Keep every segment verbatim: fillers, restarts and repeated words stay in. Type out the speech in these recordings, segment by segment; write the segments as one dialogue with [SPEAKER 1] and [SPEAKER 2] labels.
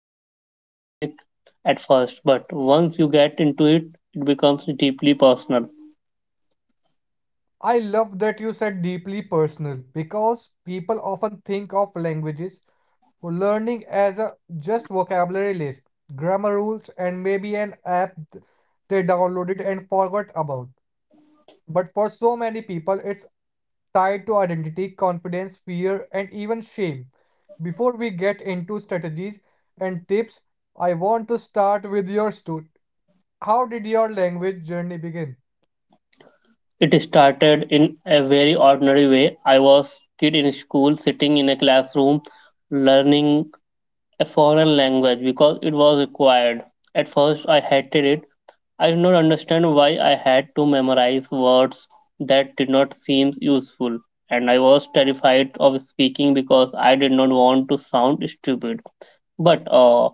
[SPEAKER 1] Sounds academic at first, but once you get into it, it becomes deeply personal.
[SPEAKER 2] I love that you said deeply personal because people often think of languages or learning as a just vocabulary list, grammar rules, and maybe an app th- they downloaded and forgot about. But for so many people, it's tied to identity, confidence, fear, and even shame. Before we get into strategies and tips, I want to start with your story. How did your language journey begin?
[SPEAKER 1] It started in a very ordinary way. I was kid in school, sitting in a classroom, learning a foreign language because it was required. At first, I hated it. I did not understand why I had to memorize words that did not seem useful, and I was terrified of speaking because I did not want to sound stupid. But uh,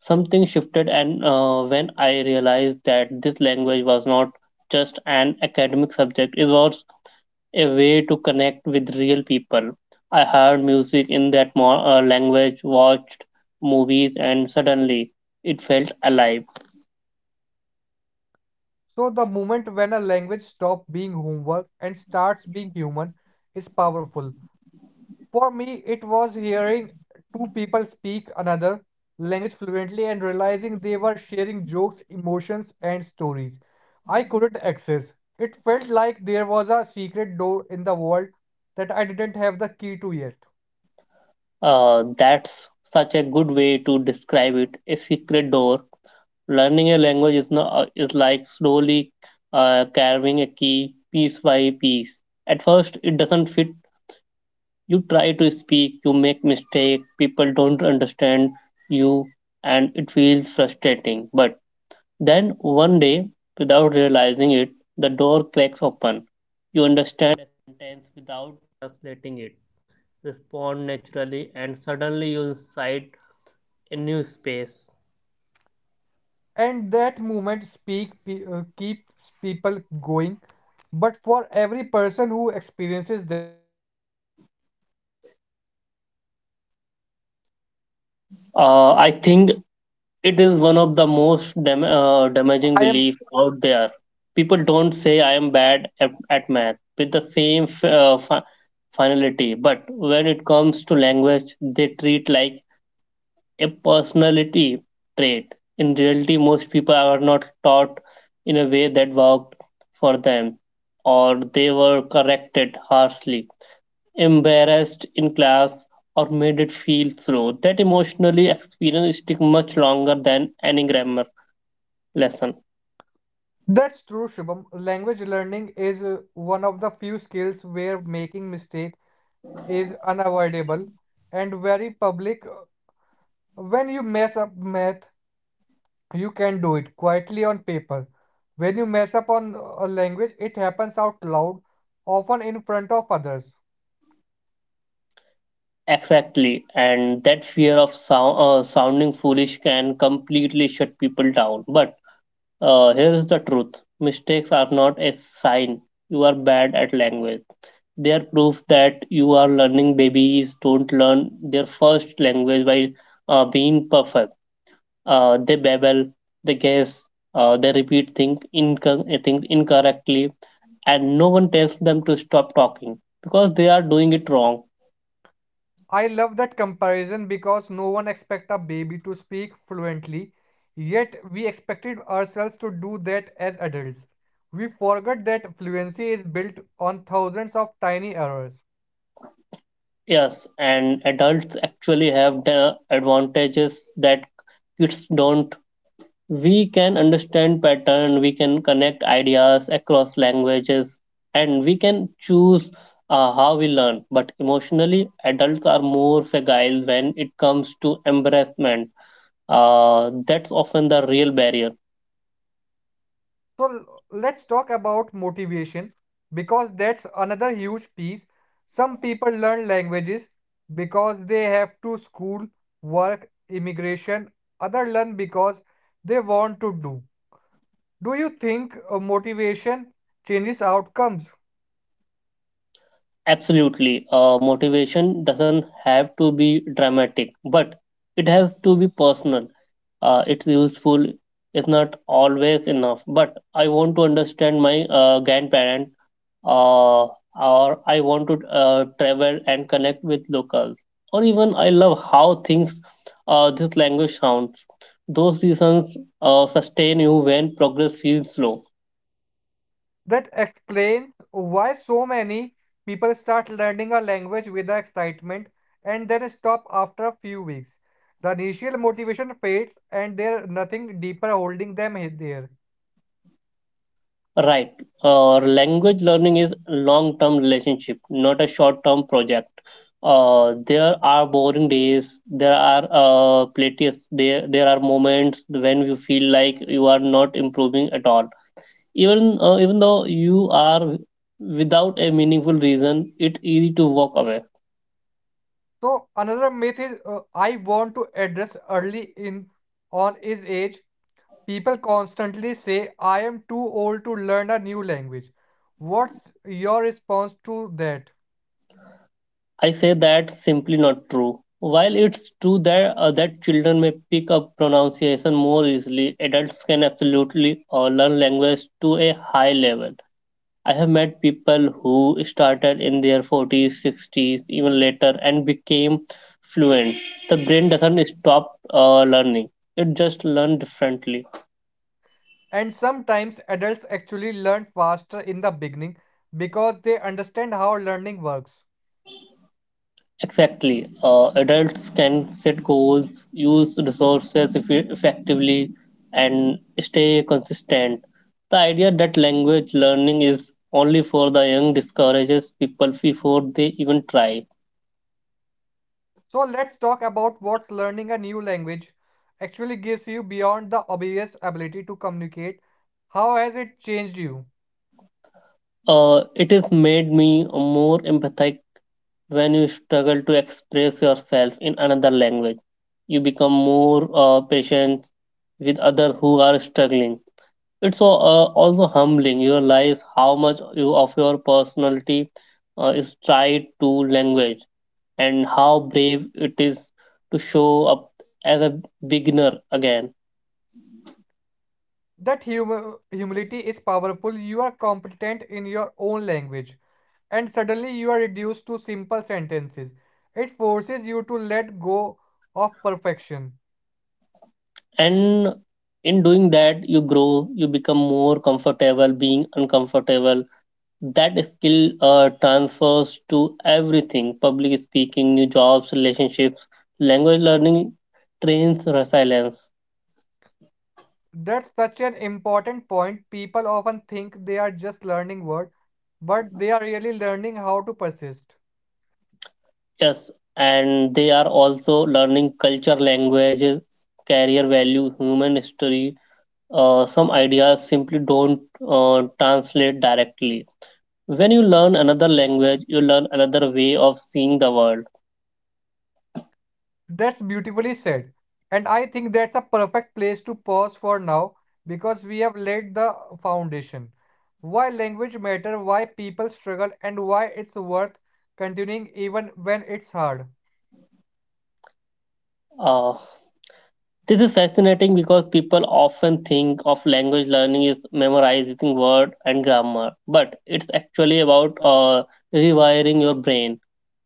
[SPEAKER 1] something shifted, and uh, when I realized that this language was not just an academic subject, it was a way to connect with real people. I heard music in that mo- uh, language, watched movies, and suddenly it felt alive.
[SPEAKER 2] So the moment when a language stops being homework and starts being human is powerful. For me, it was hearing two people speak another language fluently and realizing they were sharing jokes, emotions, and stories I couldn't access. It felt like there was a secret door in the world that I didn't have the key to yet.
[SPEAKER 1] Uh, that's such a good way to describe it a secret door. Learning a language is, not, uh, is like slowly uh, carving a key piece by piece. At first, it doesn't fit. You try to speak, you make mistake, people don't understand you, and it feels frustrating. But then, one day, without realizing it, the door cracks open. You understand.
[SPEAKER 2] And that moment speak pe- uh, keeps people going. But for every person who experiences,
[SPEAKER 1] Uh, I think it is one of the most dam- uh, damaging
[SPEAKER 2] I
[SPEAKER 1] belief
[SPEAKER 2] am.
[SPEAKER 1] out there. People don't say I am bad at, at math with the same f- uh, fi- finality, but when it comes to language, they treat like a personality trait. In reality, most people are not taught in a way that worked for them, or they were corrected harshly embarrassed in class, or made it feel slow. That emotionally experience stick much longer than any grammar lesson.
[SPEAKER 2] That's true, Shubham. Language learning is uh, one of the few skills where making mistake is unavoidable and very public. Uh, When you mess up math, you can do it quietly on paper. When you mess up on a language, it happens out loud, often in front of others.
[SPEAKER 1] Exactly, and that fear of sound uh, sounding foolish can completely shut people down. But uh, Here is the truth: mistakes are not a sign you are bad at language. They are proof that you are learning. Babies don't learn their first language by uh, being perfect uh, they babble, they guess, uh, they repeat things, inc- things incorrectly, and no one tells them to stop talking because they are doing it wrong.
[SPEAKER 2] I love that comparison because no one expects a baby to speak fluently, yet we expected ourselves to do that as adults. We forgot that fluency is built on thousands of tiny errors.
[SPEAKER 1] Yes, and adults actually have the advantages that kids don't. We can understand pattern, we can connect ideas across languages, and we can choose uh, how we learn. But emotionally, adults are more fragile when it comes to embarrassment uh, that's often the real barrier.
[SPEAKER 2] So l- let's talk about motivation because that's another huge piece. Some people learn languages because they have to school, work, immigration, other learn because they want to do. Do you think uh, motivation changes outcomes?
[SPEAKER 1] Absolutely uh, motivation doesn't have to be dramatic but it has to be personal. Uh, it's useful, it's not always enough but I want to understand my uh, grandparent, uh, or I want to uh, travel and connect with locals, or even I love how things uh, this language sounds. Those reasons uh, sustain you when progress feels slow.
[SPEAKER 2] That explains why so many people start learning a language with the excitement and then stop after a few weeks. The initial motivation fades and there's nothing deeper holding them he- there.
[SPEAKER 1] Right. Uh, language learning is long-term relationship, not a short-term project. Uh, there are boring days. There are uh, plateaus. There there are moments when you feel like you are not improving at all. Even uh, even though you are without a meaningful reason, it's easy to walk away.
[SPEAKER 2] So another myth is uh, I want to address early in on is age. People constantly say I am too old to learn a new language. What's your response to that?
[SPEAKER 1] I say that's simply not true. While it's true that, uh, that children may pick up pronunciation more easily, adults can absolutely uh, learn language to a high level. I have met people who started in their forties, sixties, even later, and became fluent. The brain doesn't stop uh, learning, it just learns differently.
[SPEAKER 2] And sometimes adults actually learn faster in the beginning because they understand how learning works.
[SPEAKER 1] Exactly. Uh, adults can set goals, use resources effe- effectively, and stay consistent. The idea that language learning is only for the young discourages people before they even try.
[SPEAKER 2] So let's talk about what learning a new language actually gives you beyond the obvious ability to communicate. How has it changed you?
[SPEAKER 1] Uh, it has made me more empathetic when you struggle to express yourself in another language. You become more uh, patient with others who are struggling. It's so, uh, also humbling. You realize how much you, of your personality uh, is tied to language and how brave it is to show up as a beginner again.
[SPEAKER 2] That hum- humility is powerful. You are competent in your own language, and suddenly you are reduced to simple sentences. It forces you to let go of perfection.
[SPEAKER 1] And in doing that, you grow, you become more comfortable being uncomfortable. That skill uh, transfers to everything public speaking, new jobs, relationships. Language learning trains resilience.
[SPEAKER 2] That's such an important point. People often think they are just learning words, but they are really learning how to persist.
[SPEAKER 1] Yes, and they are also learning culture, languages, career value, human history. Uh, some ideas simply don't uh, translate directly. When you learn another language, you learn another way of seeing the world.
[SPEAKER 2] That's beautifully said. And I think that's a perfect place to pause for now because we have laid the foundation. Why language matter, why people struggle, and why it's worth continuing even when it's hard.
[SPEAKER 1] Uh, this is fascinating because people often think of language learning is memorizing word and grammar, but it's actually about uh, rewiring your brain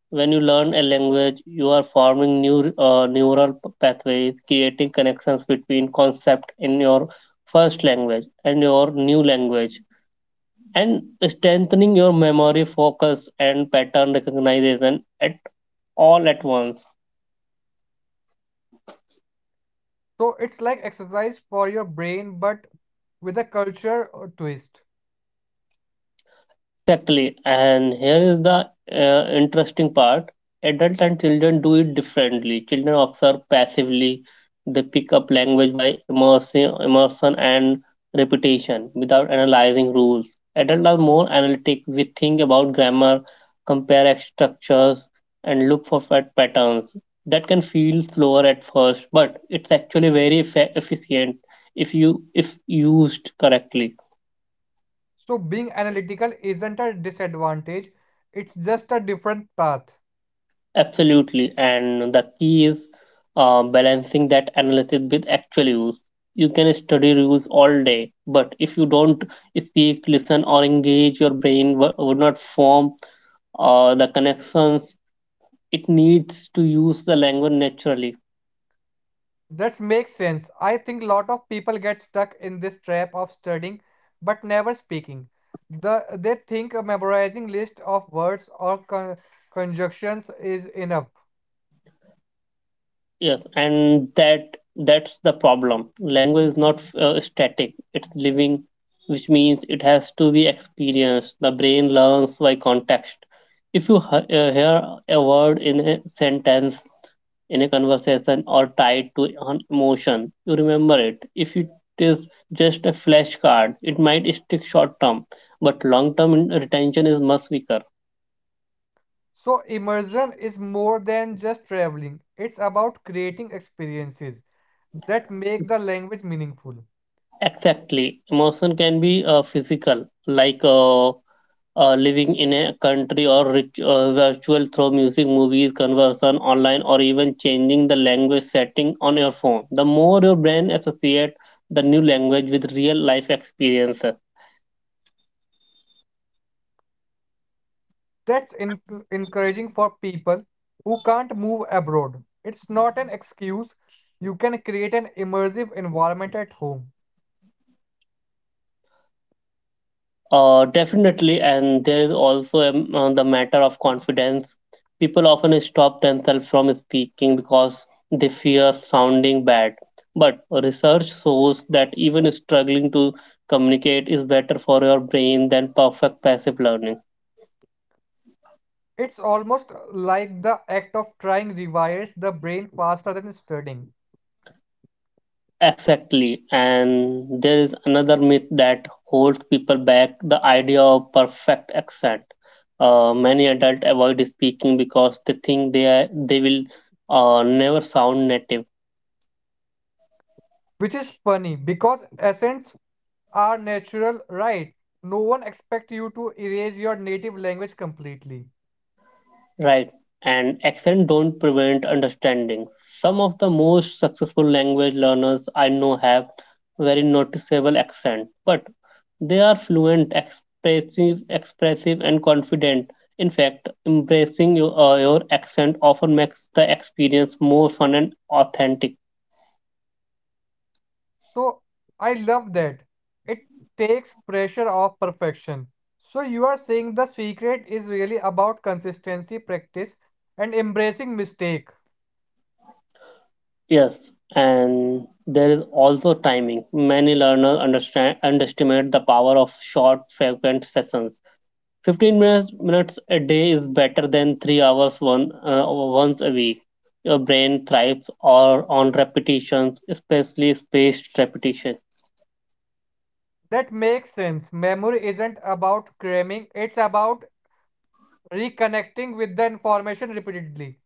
[SPEAKER 1] when you learn a language, you are forming new uh, neural p- pathways, creating connections between concepts in your first language and your new language, and strengthening your memory, focus, and pattern recognition at all at once.
[SPEAKER 2] So it's like exercise for your brain, but with a culture uh, twist.
[SPEAKER 1] Exactly. And here is the uh, interesting part. Adults and children do it differently. Children observe passively. They pick up language by immersion, immersion and repetition without analyzing rules. Adults are more analytic. We think about grammar, compare ex- structures, and look for pat- patterns. That can feel slower at first, but it's actually very effe- efficient if you if used correctly.
[SPEAKER 2] So being analytical isn't a disadvantage, it's just a different path.
[SPEAKER 1] Absolutely, and the key is uh, balancing that analysis with actual use. You can study rules all day, but if you don't speak, listen, or engage, your brain w- would not form uh, the connections it needs to use the language naturally.
[SPEAKER 2] That makes sense. I think a lot of people get stuck in this trap of studying but never speaking. The, they think memorizing list of words or con- conjunctions is enough.
[SPEAKER 1] Yes, and that that's the problem. Language is not uh, static; it's living, which means it has to be experienced. The brain learns by context. If you he- uh, hear a word in a sentence, in a conversation, or tied to an emotion, you remember it. If it is just a flashcard, it might stick short term, but long term retention is much weaker.
[SPEAKER 2] So immersion is more than just traveling. It's about creating experiences that make the language meaningful.
[SPEAKER 1] Exactly, emotion can be uh, physical, like uh, uh, living in a country or rich, uh, virtual through music, movies, conversation online, or even changing the language setting on your phone. The more your brain associate the new language with real life experiences.
[SPEAKER 2] That's enc- encouraging for people who can't move abroad. It's not an excuse. You can create an immersive environment at home.
[SPEAKER 1] Uh, definitely. And there is also um, uh, the matter of confidence. People often stop themselves from speaking because they fear sounding bad. But research shows that even struggling to communicate is better for your brain than perfect passive learning.
[SPEAKER 2] It's almost like the act of trying rewires the brain faster than studying,
[SPEAKER 1] Exactly. And there is another myth that holds people back the idea of perfect accent. Uh, many adults avoid speaking because they think they are, they will uh, never sound native.
[SPEAKER 2] which is funny because accents are natural, right? No one expects you to erase your native language completely.
[SPEAKER 1] Right. And accent don't prevent understanding. Some of the most successful language learners I know have very noticeable accent, but they are fluent, expressive, expressive and confident. In fact, embracing your, uh, your accent often makes the experience more fun and authentic.
[SPEAKER 2] So I love that. It takes pressure off perfection. So you are saying the secret is really about consistency, practice, and embracing mistake.
[SPEAKER 1] Yes, and there is also timing. Many learners understand underestimate the power of short, frequent sessions fifteen minutes, a day is better than three hours one uh, once a week. Your brain thrives or on repetitions, especially spaced repetition.
[SPEAKER 2] That makes sense. Memory isn't about cramming, it's about reconnecting with the information repeatedly.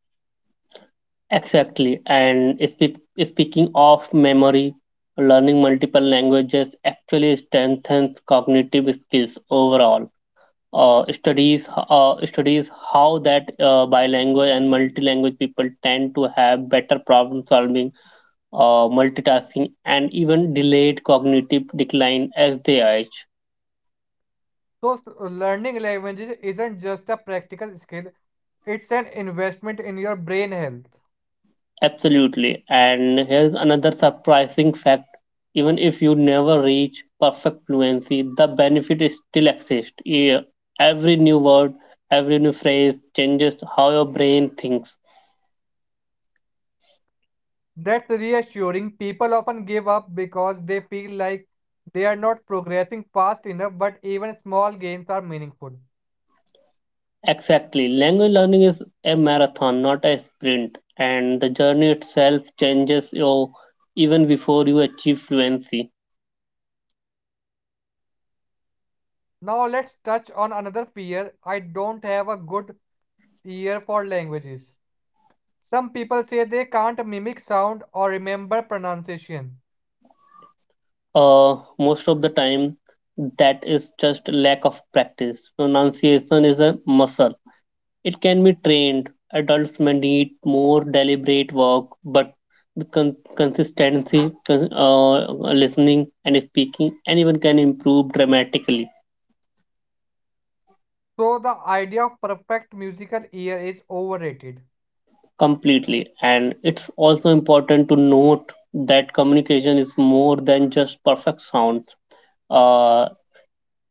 [SPEAKER 1] Exactly. And spe- speaking of memory, learning multiple languages actually strengthens cognitive skills overall. Uh, studies uh, studies how that uh, bilingual and multilingual people tend to have better problem solving uh, multitasking, and even delayed cognitive decline as they age.
[SPEAKER 2] So s- learning languages isn't just a practical skill, it's an investment in your brain health.
[SPEAKER 1] Absolutely. And here's another surprising fact even if you never reach perfect fluency, the benefit is still exists. Yeah, every new word, every new phrase changes how your brain thinks.
[SPEAKER 2] That's reassuring. People often give up because they feel like they are not progressing fast enough, but even small gains are meaningful.
[SPEAKER 1] Exactly. Language learning is a marathon, not a sprint, and the journey itself changes you even before you achieve fluency.
[SPEAKER 2] Now, let's touch on another fear. I don't have a good ear for languages. Some people say they can't mimic sound or remember pronunciation.
[SPEAKER 1] uh, most of the time that is just lack of practice pronunciation is a muscle it can be trained adults may need more deliberate work but with con- consistency con- uh, listening and speaking anyone can improve dramatically
[SPEAKER 2] So, the idea of perfect musical ear is overrated.
[SPEAKER 1] completely and it's also important to note that communication is more than just perfect sounds uh,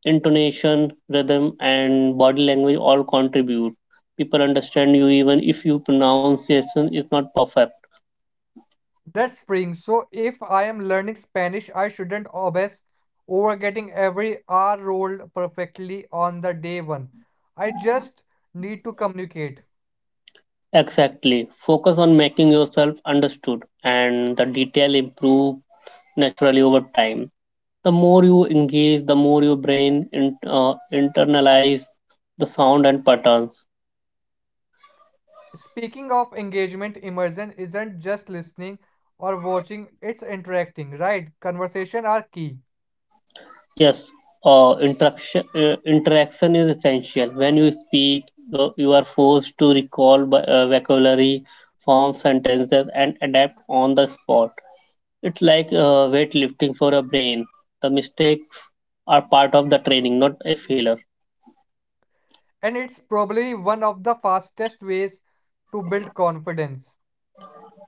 [SPEAKER 1] intonation, rhythm, and body language all contribute. People understand you even if your pronunciation is not perfect.
[SPEAKER 2] That's spring. So if I am learning Spanish, I shouldn't obsess over getting every R rolled perfectly on the day one. I just need to communicate.
[SPEAKER 1] Exactly. Focus on making yourself understood, and the detail improve naturally over time. The more you engage, the more your brain in, uh, internalize the sound and patterns.
[SPEAKER 2] Speaking of engagement, immersion isn't just listening or watching, it's interacting, right? Conversation are key.
[SPEAKER 1] Yes, uh, interaction uh, interaction is essential. When you speak, uh, you are forced to recall bu- uh, vocabulary, form sentences, and adapt on the spot. It's like uh, weightlifting for a brain. The mistakes are part of the training, not a failure.
[SPEAKER 2] And it's probably one of the fastest ways to build confidence.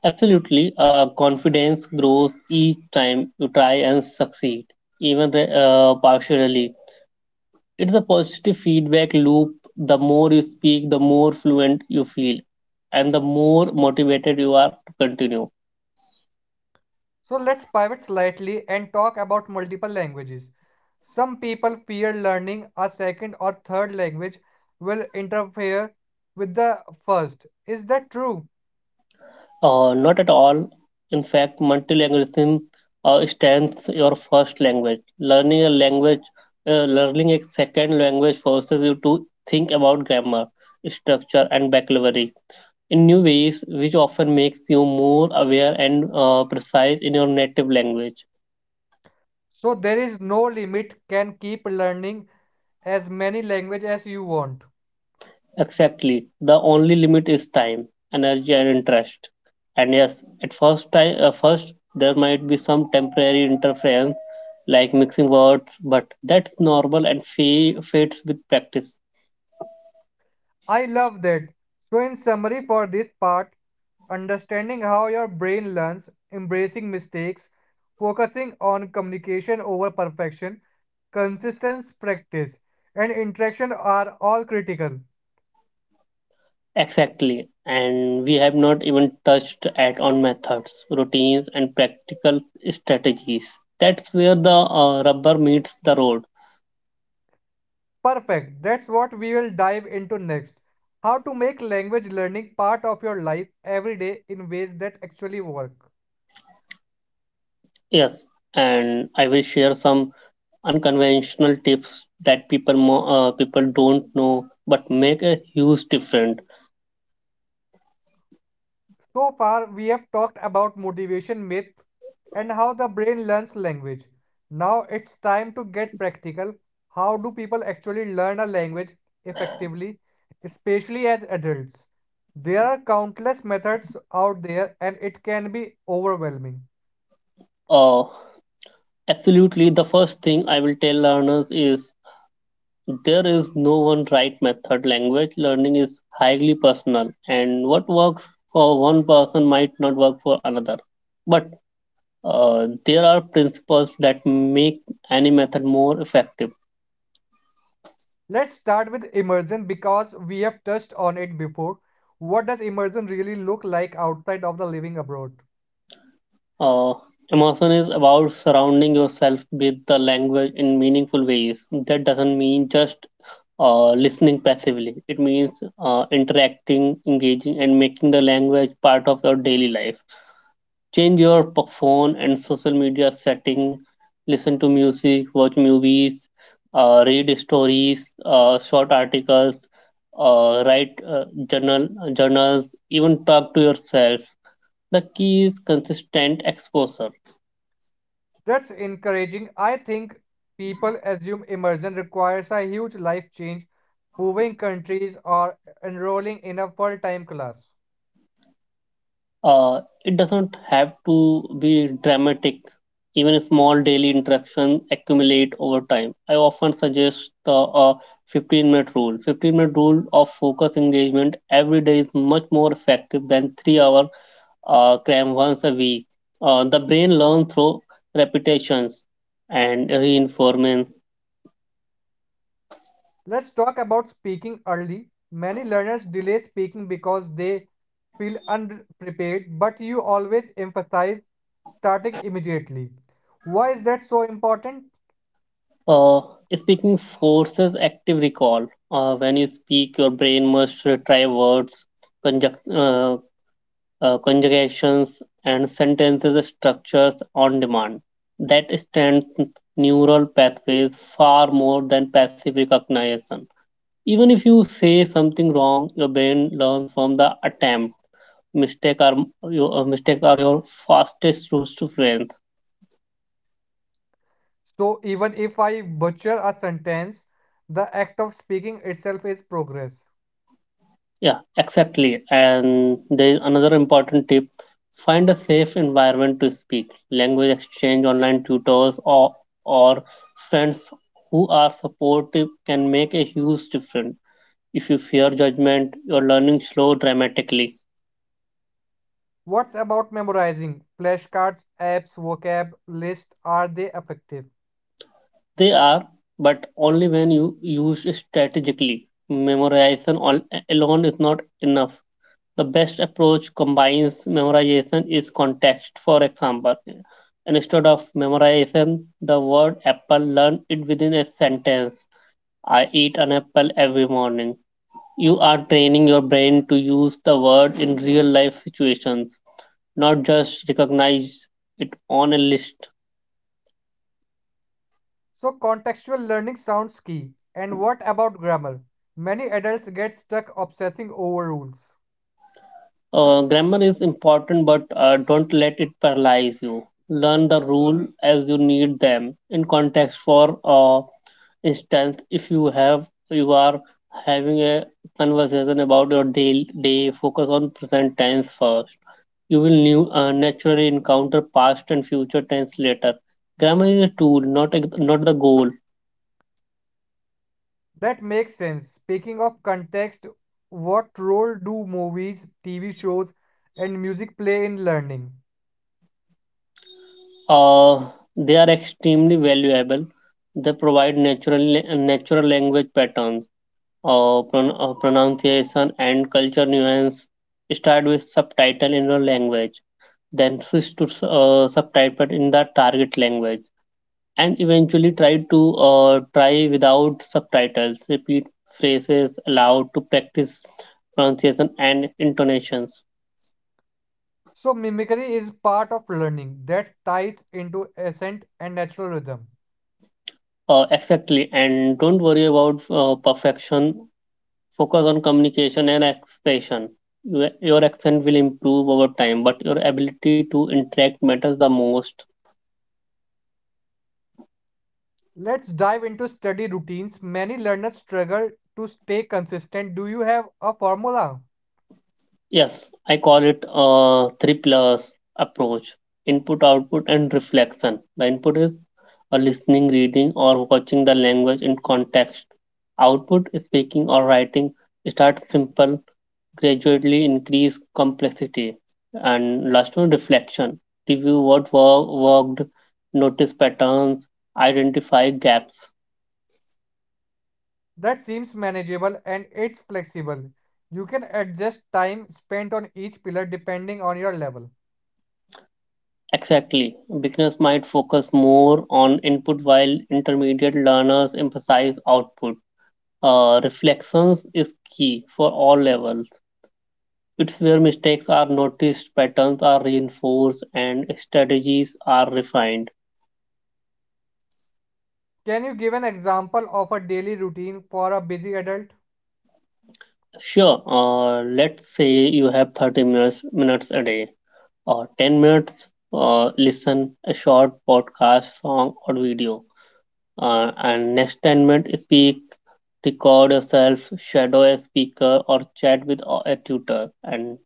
[SPEAKER 1] Absolutely, uh, confidence grows each time you try and succeed, even re- uh, partially. It's a positive feedback loop. The more you speak, the more fluent you feel, and the more motivated you are to continue.
[SPEAKER 2] So let's pivot slightly and talk about multiple languages. Some people fear learning a second or third language will interfere with the first. Is that true?
[SPEAKER 1] Uh, not at all. In fact, multilingualism uh, stands your first language. Learning a language, uh, learning a second language forces you to think about grammar, structure, and vocabulary in new ways, which often makes you more aware and uh, precise in your native language.
[SPEAKER 2] So there is no limit, can keep learning as many languages as you want.
[SPEAKER 1] Exactly. The only limit is time, energy, and interest. And yes, at first time, uh, first there might be some temporary interference, like mixing words, but that's normal and fa- fades with practice.
[SPEAKER 2] I love that. So, in summary for this part, understanding how your brain learns, embracing mistakes, focusing on communication over perfection, consistency, practice, and interaction are all critical.
[SPEAKER 1] Exactly. And we have not even touched at on methods, routines, and practical strategies. That's where the uh, rubber meets the road.
[SPEAKER 2] Perfect. That's what we will dive into next. How to make language learning part of your life every day in ways that actually work.
[SPEAKER 1] Yes, and I will share some unconventional tips that people mo- uh, people don't know but make a huge difference.
[SPEAKER 2] So far, we have talked about motivation myth and how the brain learns language. Now it's time to get practical. How do people actually learn a language effectively, especially as adults? There are countless methods out there and it can be overwhelming.
[SPEAKER 1] Uh, Absolutely, the first thing I will tell learners is there is no one right method. Language learning is highly personal, and what works for one person might not work for another. But uh, there are principles that make any method more effective.
[SPEAKER 2] Let's start with immersion because we have touched on it before. What does immersion really look like outside of the living abroad?
[SPEAKER 1] Uh, Immersion is about surrounding yourself with the language in meaningful ways. That doesn't mean just uh, listening passively, it means uh, interacting, engaging, and making the language part of your daily life. Change your p- phone and social media setting, listen to music, watch movies, uh, read stories, uh, short articles. Uh, write uh, journal journals, even talk to yourself. The key is consistent exposure.
[SPEAKER 2] That's encouraging. I think people assume immersion requires a huge life change, moving countries or enrolling in a full-time class.
[SPEAKER 1] Uh, it doesn't have to be dramatic. Even a small daily interaction accumulate over time. I often suggest the uh, fifteen minute rule. fifteen minute rule of focus engagement every day is much more effective than three hour uh, cram once a week. Uh, the brain learns through repetitions and reinforcement.
[SPEAKER 2] Let's talk about speaking early. Many learners delay speaking because they feel unprepared, but you always emphasize starting immediately. Why is that so important?
[SPEAKER 1] Uh, Speaking forces active recall. Uh, when you speak, your brain must retry words, conjunct, uh, uh, conjugations, and sentences structures on demand that strengthen neural pathways far more than passive recognition. Even if you say something wrong, your brain learns from the attempt. Mistake are your uh, Mistakes are your fastest routes to friends.
[SPEAKER 2] So even if I butcher a sentence, the act of speaking itself is progress.
[SPEAKER 1] Yeah, exactly. And there is another important tip: find a safe environment to speak. Language exchange, online tutors, or, or friends who are supportive can make a huge difference. If you fear judgment, your learning slow dramatically.
[SPEAKER 2] What's about memorizing? Flashcards, apps, vocab, lists, are they effective?
[SPEAKER 1] They are, but only when you use strategically. Memorization al- alone is not enough. The best approach combines memorization is context. For example, instead of memorization, the word apple, learn it within a sentence. I eat an apple every morning. You are training your brain to use the word in real life situations, not just recognize it on a list.
[SPEAKER 2] So, contextual learning sounds key. And what about grammar? Many adults get stuck obsessing over rules.
[SPEAKER 1] Uh, grammar is important, but uh, don't let it paralyze you. Learn the rule as you need them. In context, for uh, instance, if you have you are having a conversation about your day, day focus on present tense first. You will new, uh, naturally encounter past and future tense later. Grammar is a tool, not a, not the goal.
[SPEAKER 2] That makes sense. Speaking of context, what role do movies, T V shows, and music play in learning?
[SPEAKER 1] Uh, they are extremely valuable. They provide natural natural language patterns, uh, pron- uh, pronunciation and culture nuance. Start with subtitle in your language, then switch to uh, subtitle in the target language, and eventually try to uh, try without subtitles. Repeat phrases aloud to practice pronunciation and intonations.
[SPEAKER 2] So, mimicry is part of learning that's tied into accent and natural rhythm.
[SPEAKER 1] Uh, exactly, and don't worry about uh, perfection. Focus on communication and expression. Your your accent will improve over time, but your ability to interact matters the most.
[SPEAKER 2] Let's dive into study routines. Many learners struggle to stay consistent. Do you have a formula
[SPEAKER 1] Yes, I call it a three plus approach: input, output, and reflection. The input is a listening, reading, or watching the language in context. Output is speaking or writing. Start simple, gradually increase complexity. And last one, reflection. Review what wo- worked, notice patterns, identify gaps.
[SPEAKER 2] that seems manageable and it's flexible? You can adjust time spent on each pillar depending on your level.
[SPEAKER 1] Exactly. Beginners might focus more on input while intermediate learners emphasize output. Uh, reflections is key for all levels. It's where mistakes are noticed, patterns are reinforced, and strategies are refined.
[SPEAKER 2] Can you give an example of a daily routine for a busy adult?
[SPEAKER 1] Sure, uh, let's say you have thirty minutes, minutes a day or ten minutes, uh, listen a short podcast, song, or video. Uh, and next ten minutes, speak, record yourself, shadow a speaker, or chat with a a tutor. And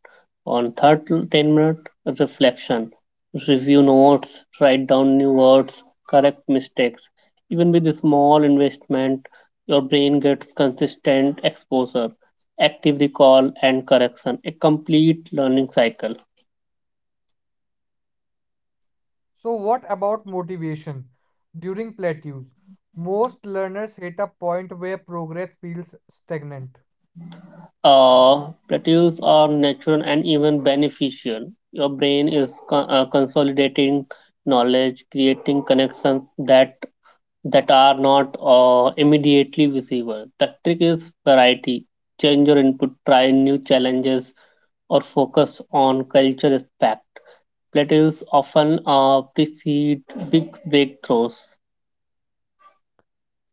[SPEAKER 1] on third ten minute, reflection, review notes, write down new words, correct mistakes. Even with a small investment, your brain gets consistent exposure, active recall, and correction, a complete learning cycle.
[SPEAKER 2] So, what about motivation during plateaus? Most learners hit a point where progress feels stagnant.
[SPEAKER 1] Uh, plateaus are natural and even beneficial. Your brain is co- uh, consolidating knowledge, creating connections that that are not uh, immediately visible. The trick is variety. Change your input, try new challenges, or focus on culture aspect. Plateaus often uh, precede big breakthroughs.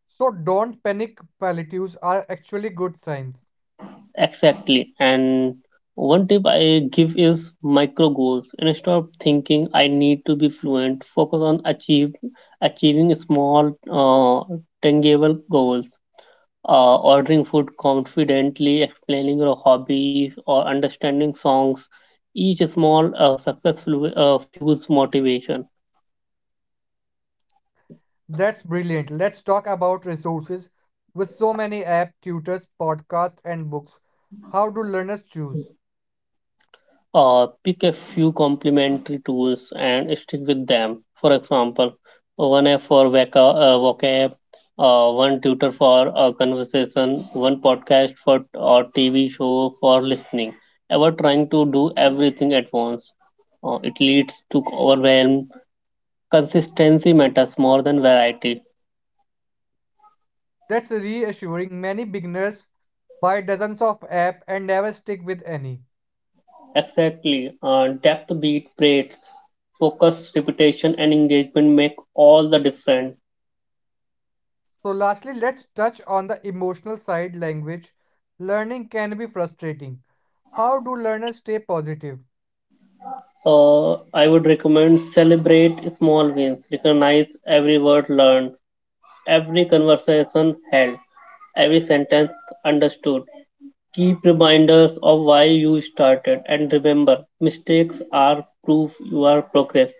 [SPEAKER 2] So don't panic, palliatives are actually good signs.
[SPEAKER 1] Exactly. And one tip I give is micro goals. Instead of thinking I need to be fluent. Focus on achieve achieving small, uh, tangible goals. Uh, ordering food confidently, explaining your hobbies, or understanding songs. Each small uh, success flu- uh, fuels motivation.
[SPEAKER 2] That's brilliant. Let's talk about resources. With so many apps, tutors, podcasts, and books, how do learners choose?
[SPEAKER 1] Uh, pick a few complementary tools and stick with them. For example, one app for vaca, uh, vocab, uh, one tutor for uh, conversation, one podcast for or T V show for listening. Ever trying to do everything at once, uh, it leads to overwhelm. Consistency matters more than variety.
[SPEAKER 2] That's reassuring. Many beginners buy dozens of apps and never stick with any.
[SPEAKER 1] Exactly, uh, depth beat breadth, focus, repetition, and engagement make all the difference.
[SPEAKER 2] So, lastly, let's touch on the emotional side language. Learning can be frustrating. How do learners stay positive?
[SPEAKER 1] Uh, I would recommend celebrate small wins, recognize every word learned, every conversation held, every sentence understood. Keep reminders of why you started and remember mistakes are proof you are progress.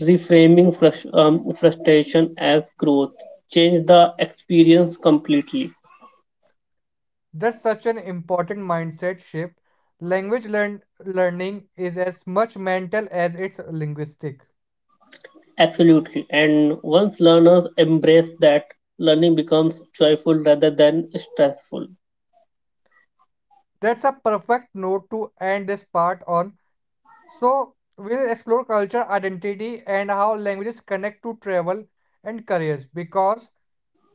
[SPEAKER 1] Reframing frus- um, frustration as growth. Change the experience completely.
[SPEAKER 2] That's such an important mindset shift. Language learn- learning is as much mental as it's linguistic.
[SPEAKER 1] Absolutely. And once learners embrace that, learning becomes joyful rather than stressful.
[SPEAKER 2] That's a perfect note to end this part on. So, we'll explore culture, identity, and how languages connect to travel and careers because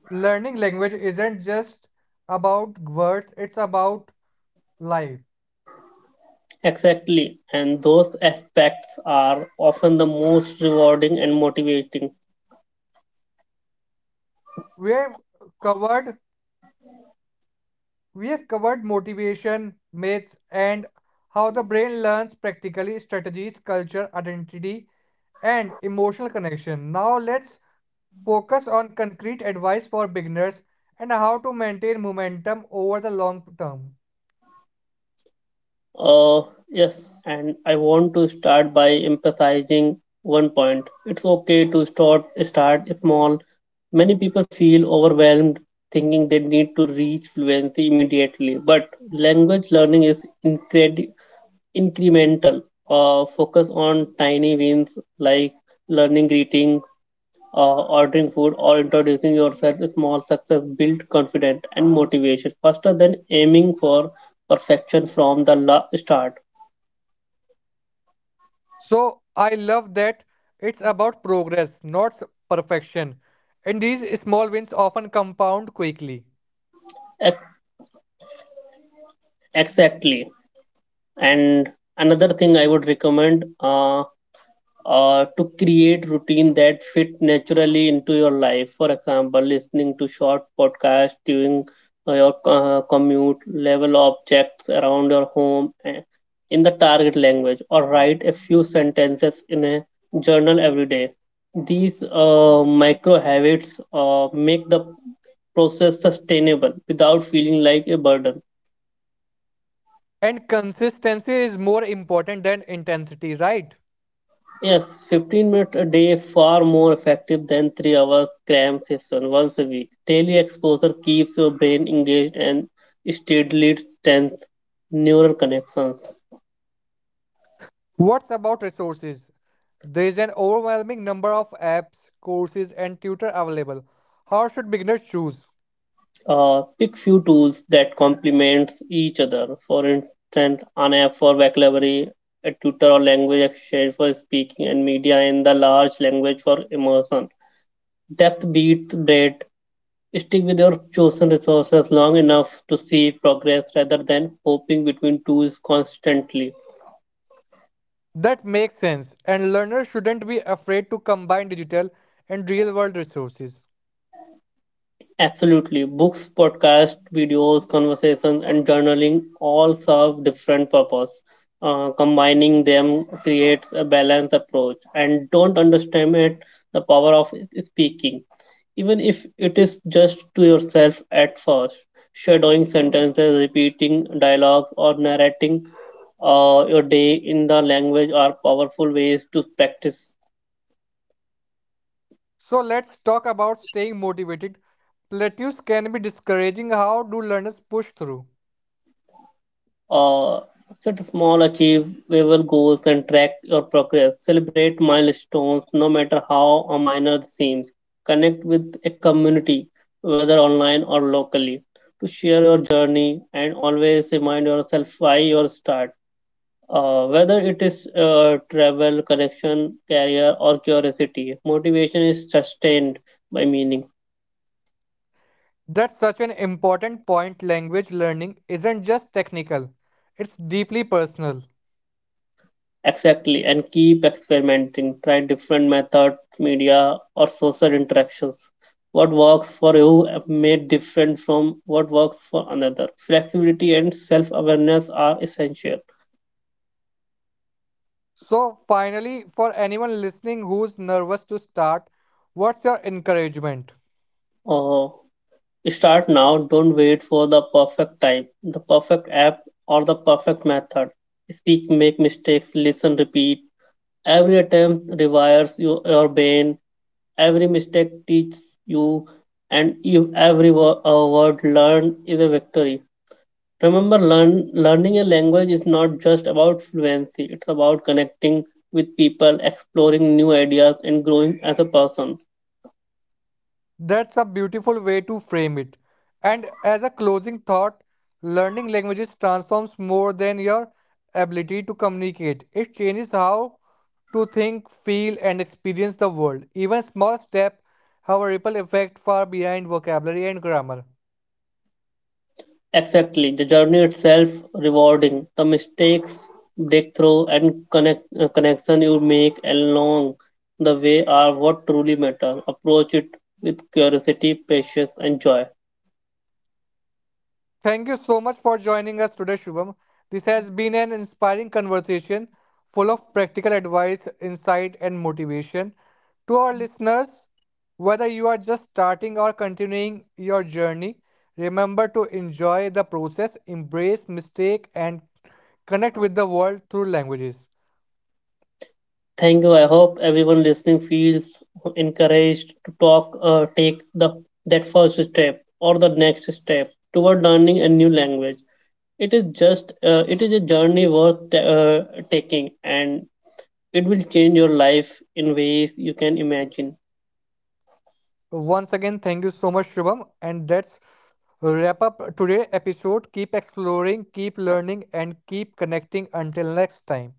[SPEAKER 2] learning language isn't just about words, it's about life.
[SPEAKER 1] Exactly, and those aspects are often the most rewarding and motivating.
[SPEAKER 2] We have covered we have covered motivation, myths, and how the brain learns practically strategies, culture, identity, and emotional connection. Now let's focus on concrete advice for beginners and how to maintain momentum over the long term.
[SPEAKER 1] Uh, yes, and I want to start by emphasizing one point. It's okay to start start small. Many people feel overwhelmed thinking they need to reach fluency immediately, but language learning is incredi- incremental. Uh, focus on tiny wins like learning greetings, uh, ordering food or introducing yourself. Small success build confidence and motivation faster than aiming for perfection from the la- start.
[SPEAKER 2] So, I love that it's about progress, not s- perfection. And these small wins often compound quickly.
[SPEAKER 1] Ex- exactly, and another thing I would recommend, uh, uh, to create routine that fit naturally into your life. For example, listening to short podcast during uh, your uh, commute, level objects around your home, eh, in the target language, or write a few sentences in a journal every day. These uh, micro habits uh, make the process sustainable without feeling like a burden.
[SPEAKER 2] And consistency is more important than intensity, right?
[SPEAKER 1] Yes, fifteen minutes a day far more effective than three hours cram session once a week. Daily exposure keeps your brain engaged and steadily strengthens neural connections.
[SPEAKER 2] What's about resources? There is an overwhelming number of apps, courses, and tutor available. How should beginners choose?
[SPEAKER 1] Uh, pick few tools that complement each other. For instance, an app for vocabulary, a tutor or language exchange for speaking, and media in the large language for immersion. Depth beats breadth. Stick with your chosen resources long enough to see progress rather than hopping between tools constantly.
[SPEAKER 2] That makes sense, and learners shouldn't be afraid to combine digital and real world resources.
[SPEAKER 1] Absolutely. Books, podcasts, videos, conversations, and journaling all serve different purposes. Uh, combining them creates a balanced approach. And don't underestimate the power of speaking, even if it is just to yourself at first. Shadowing sentences, repeating dialogues, or narrating uh, your day in the language are powerful ways to practice.
[SPEAKER 2] So, let's talk about staying motivated. Plateaus can be discouraging. How do learners push through?
[SPEAKER 1] Uh, Set small achievable goals and track your progress. Celebrate milestones, no matter how uh, minor they seem. Connect with a community, whether online or locally, to share your journey, and always remind yourself why you start. Uh, whether it is uh, travel, connection, career, or curiosity, motivation is sustained by meaning.
[SPEAKER 2] That's such an important point. Language learning isn't just technical, it's deeply personal.
[SPEAKER 1] Exactly, and keep experimenting. Try different methods, media, or social interactions. What works for you may different from what works for another. Flexibility and self-awareness are essential.
[SPEAKER 2] So, finally, for anyone listening who's nervous to start, what's your encouragement?
[SPEAKER 1] Oh, start now. Don't wait for the perfect time, the perfect app, or the perfect method. Speak, make mistakes, listen, repeat. Every attempt rewires your, your brain, every mistake teaches you, and if every wo- uh, word learned is a victory. Remember, learn, learning a language is not just about fluency, it's about connecting with people, exploring new ideas, and growing as a person.
[SPEAKER 2] That's a beautiful way to frame it. And as a closing thought, learning languages transforms more than your ability to communicate. It changes how to think, feel, and experience the world. Even small steps have a ripple effect far behind vocabulary and grammar.
[SPEAKER 1] Exactly, the journey itself rewarding, the mistakes, breakthrough, and connect, uh, connection you make along the way are what truly matter. Approach it with curiosity, patience, and joy.
[SPEAKER 2] Thank you so much for joining us today, Shubham. This has been an inspiring conversation full of practical advice, insight, and motivation. To our listeners, whether you are just starting or continuing your journey, remember to enjoy the process, embrace mistake, and connect with the world through languages.
[SPEAKER 1] Thank you. I hope everyone listening feels encouraged to talk, uh, take the that first step or the next step toward learning a new language. It is just, uh, it is a journey worth uh, taking, and it will change your life in ways you can imagine.
[SPEAKER 2] Once again, thank you so much, Shubham. And that's wrap up today's episode. Keep exploring, keep learning, and keep connecting. Until next time.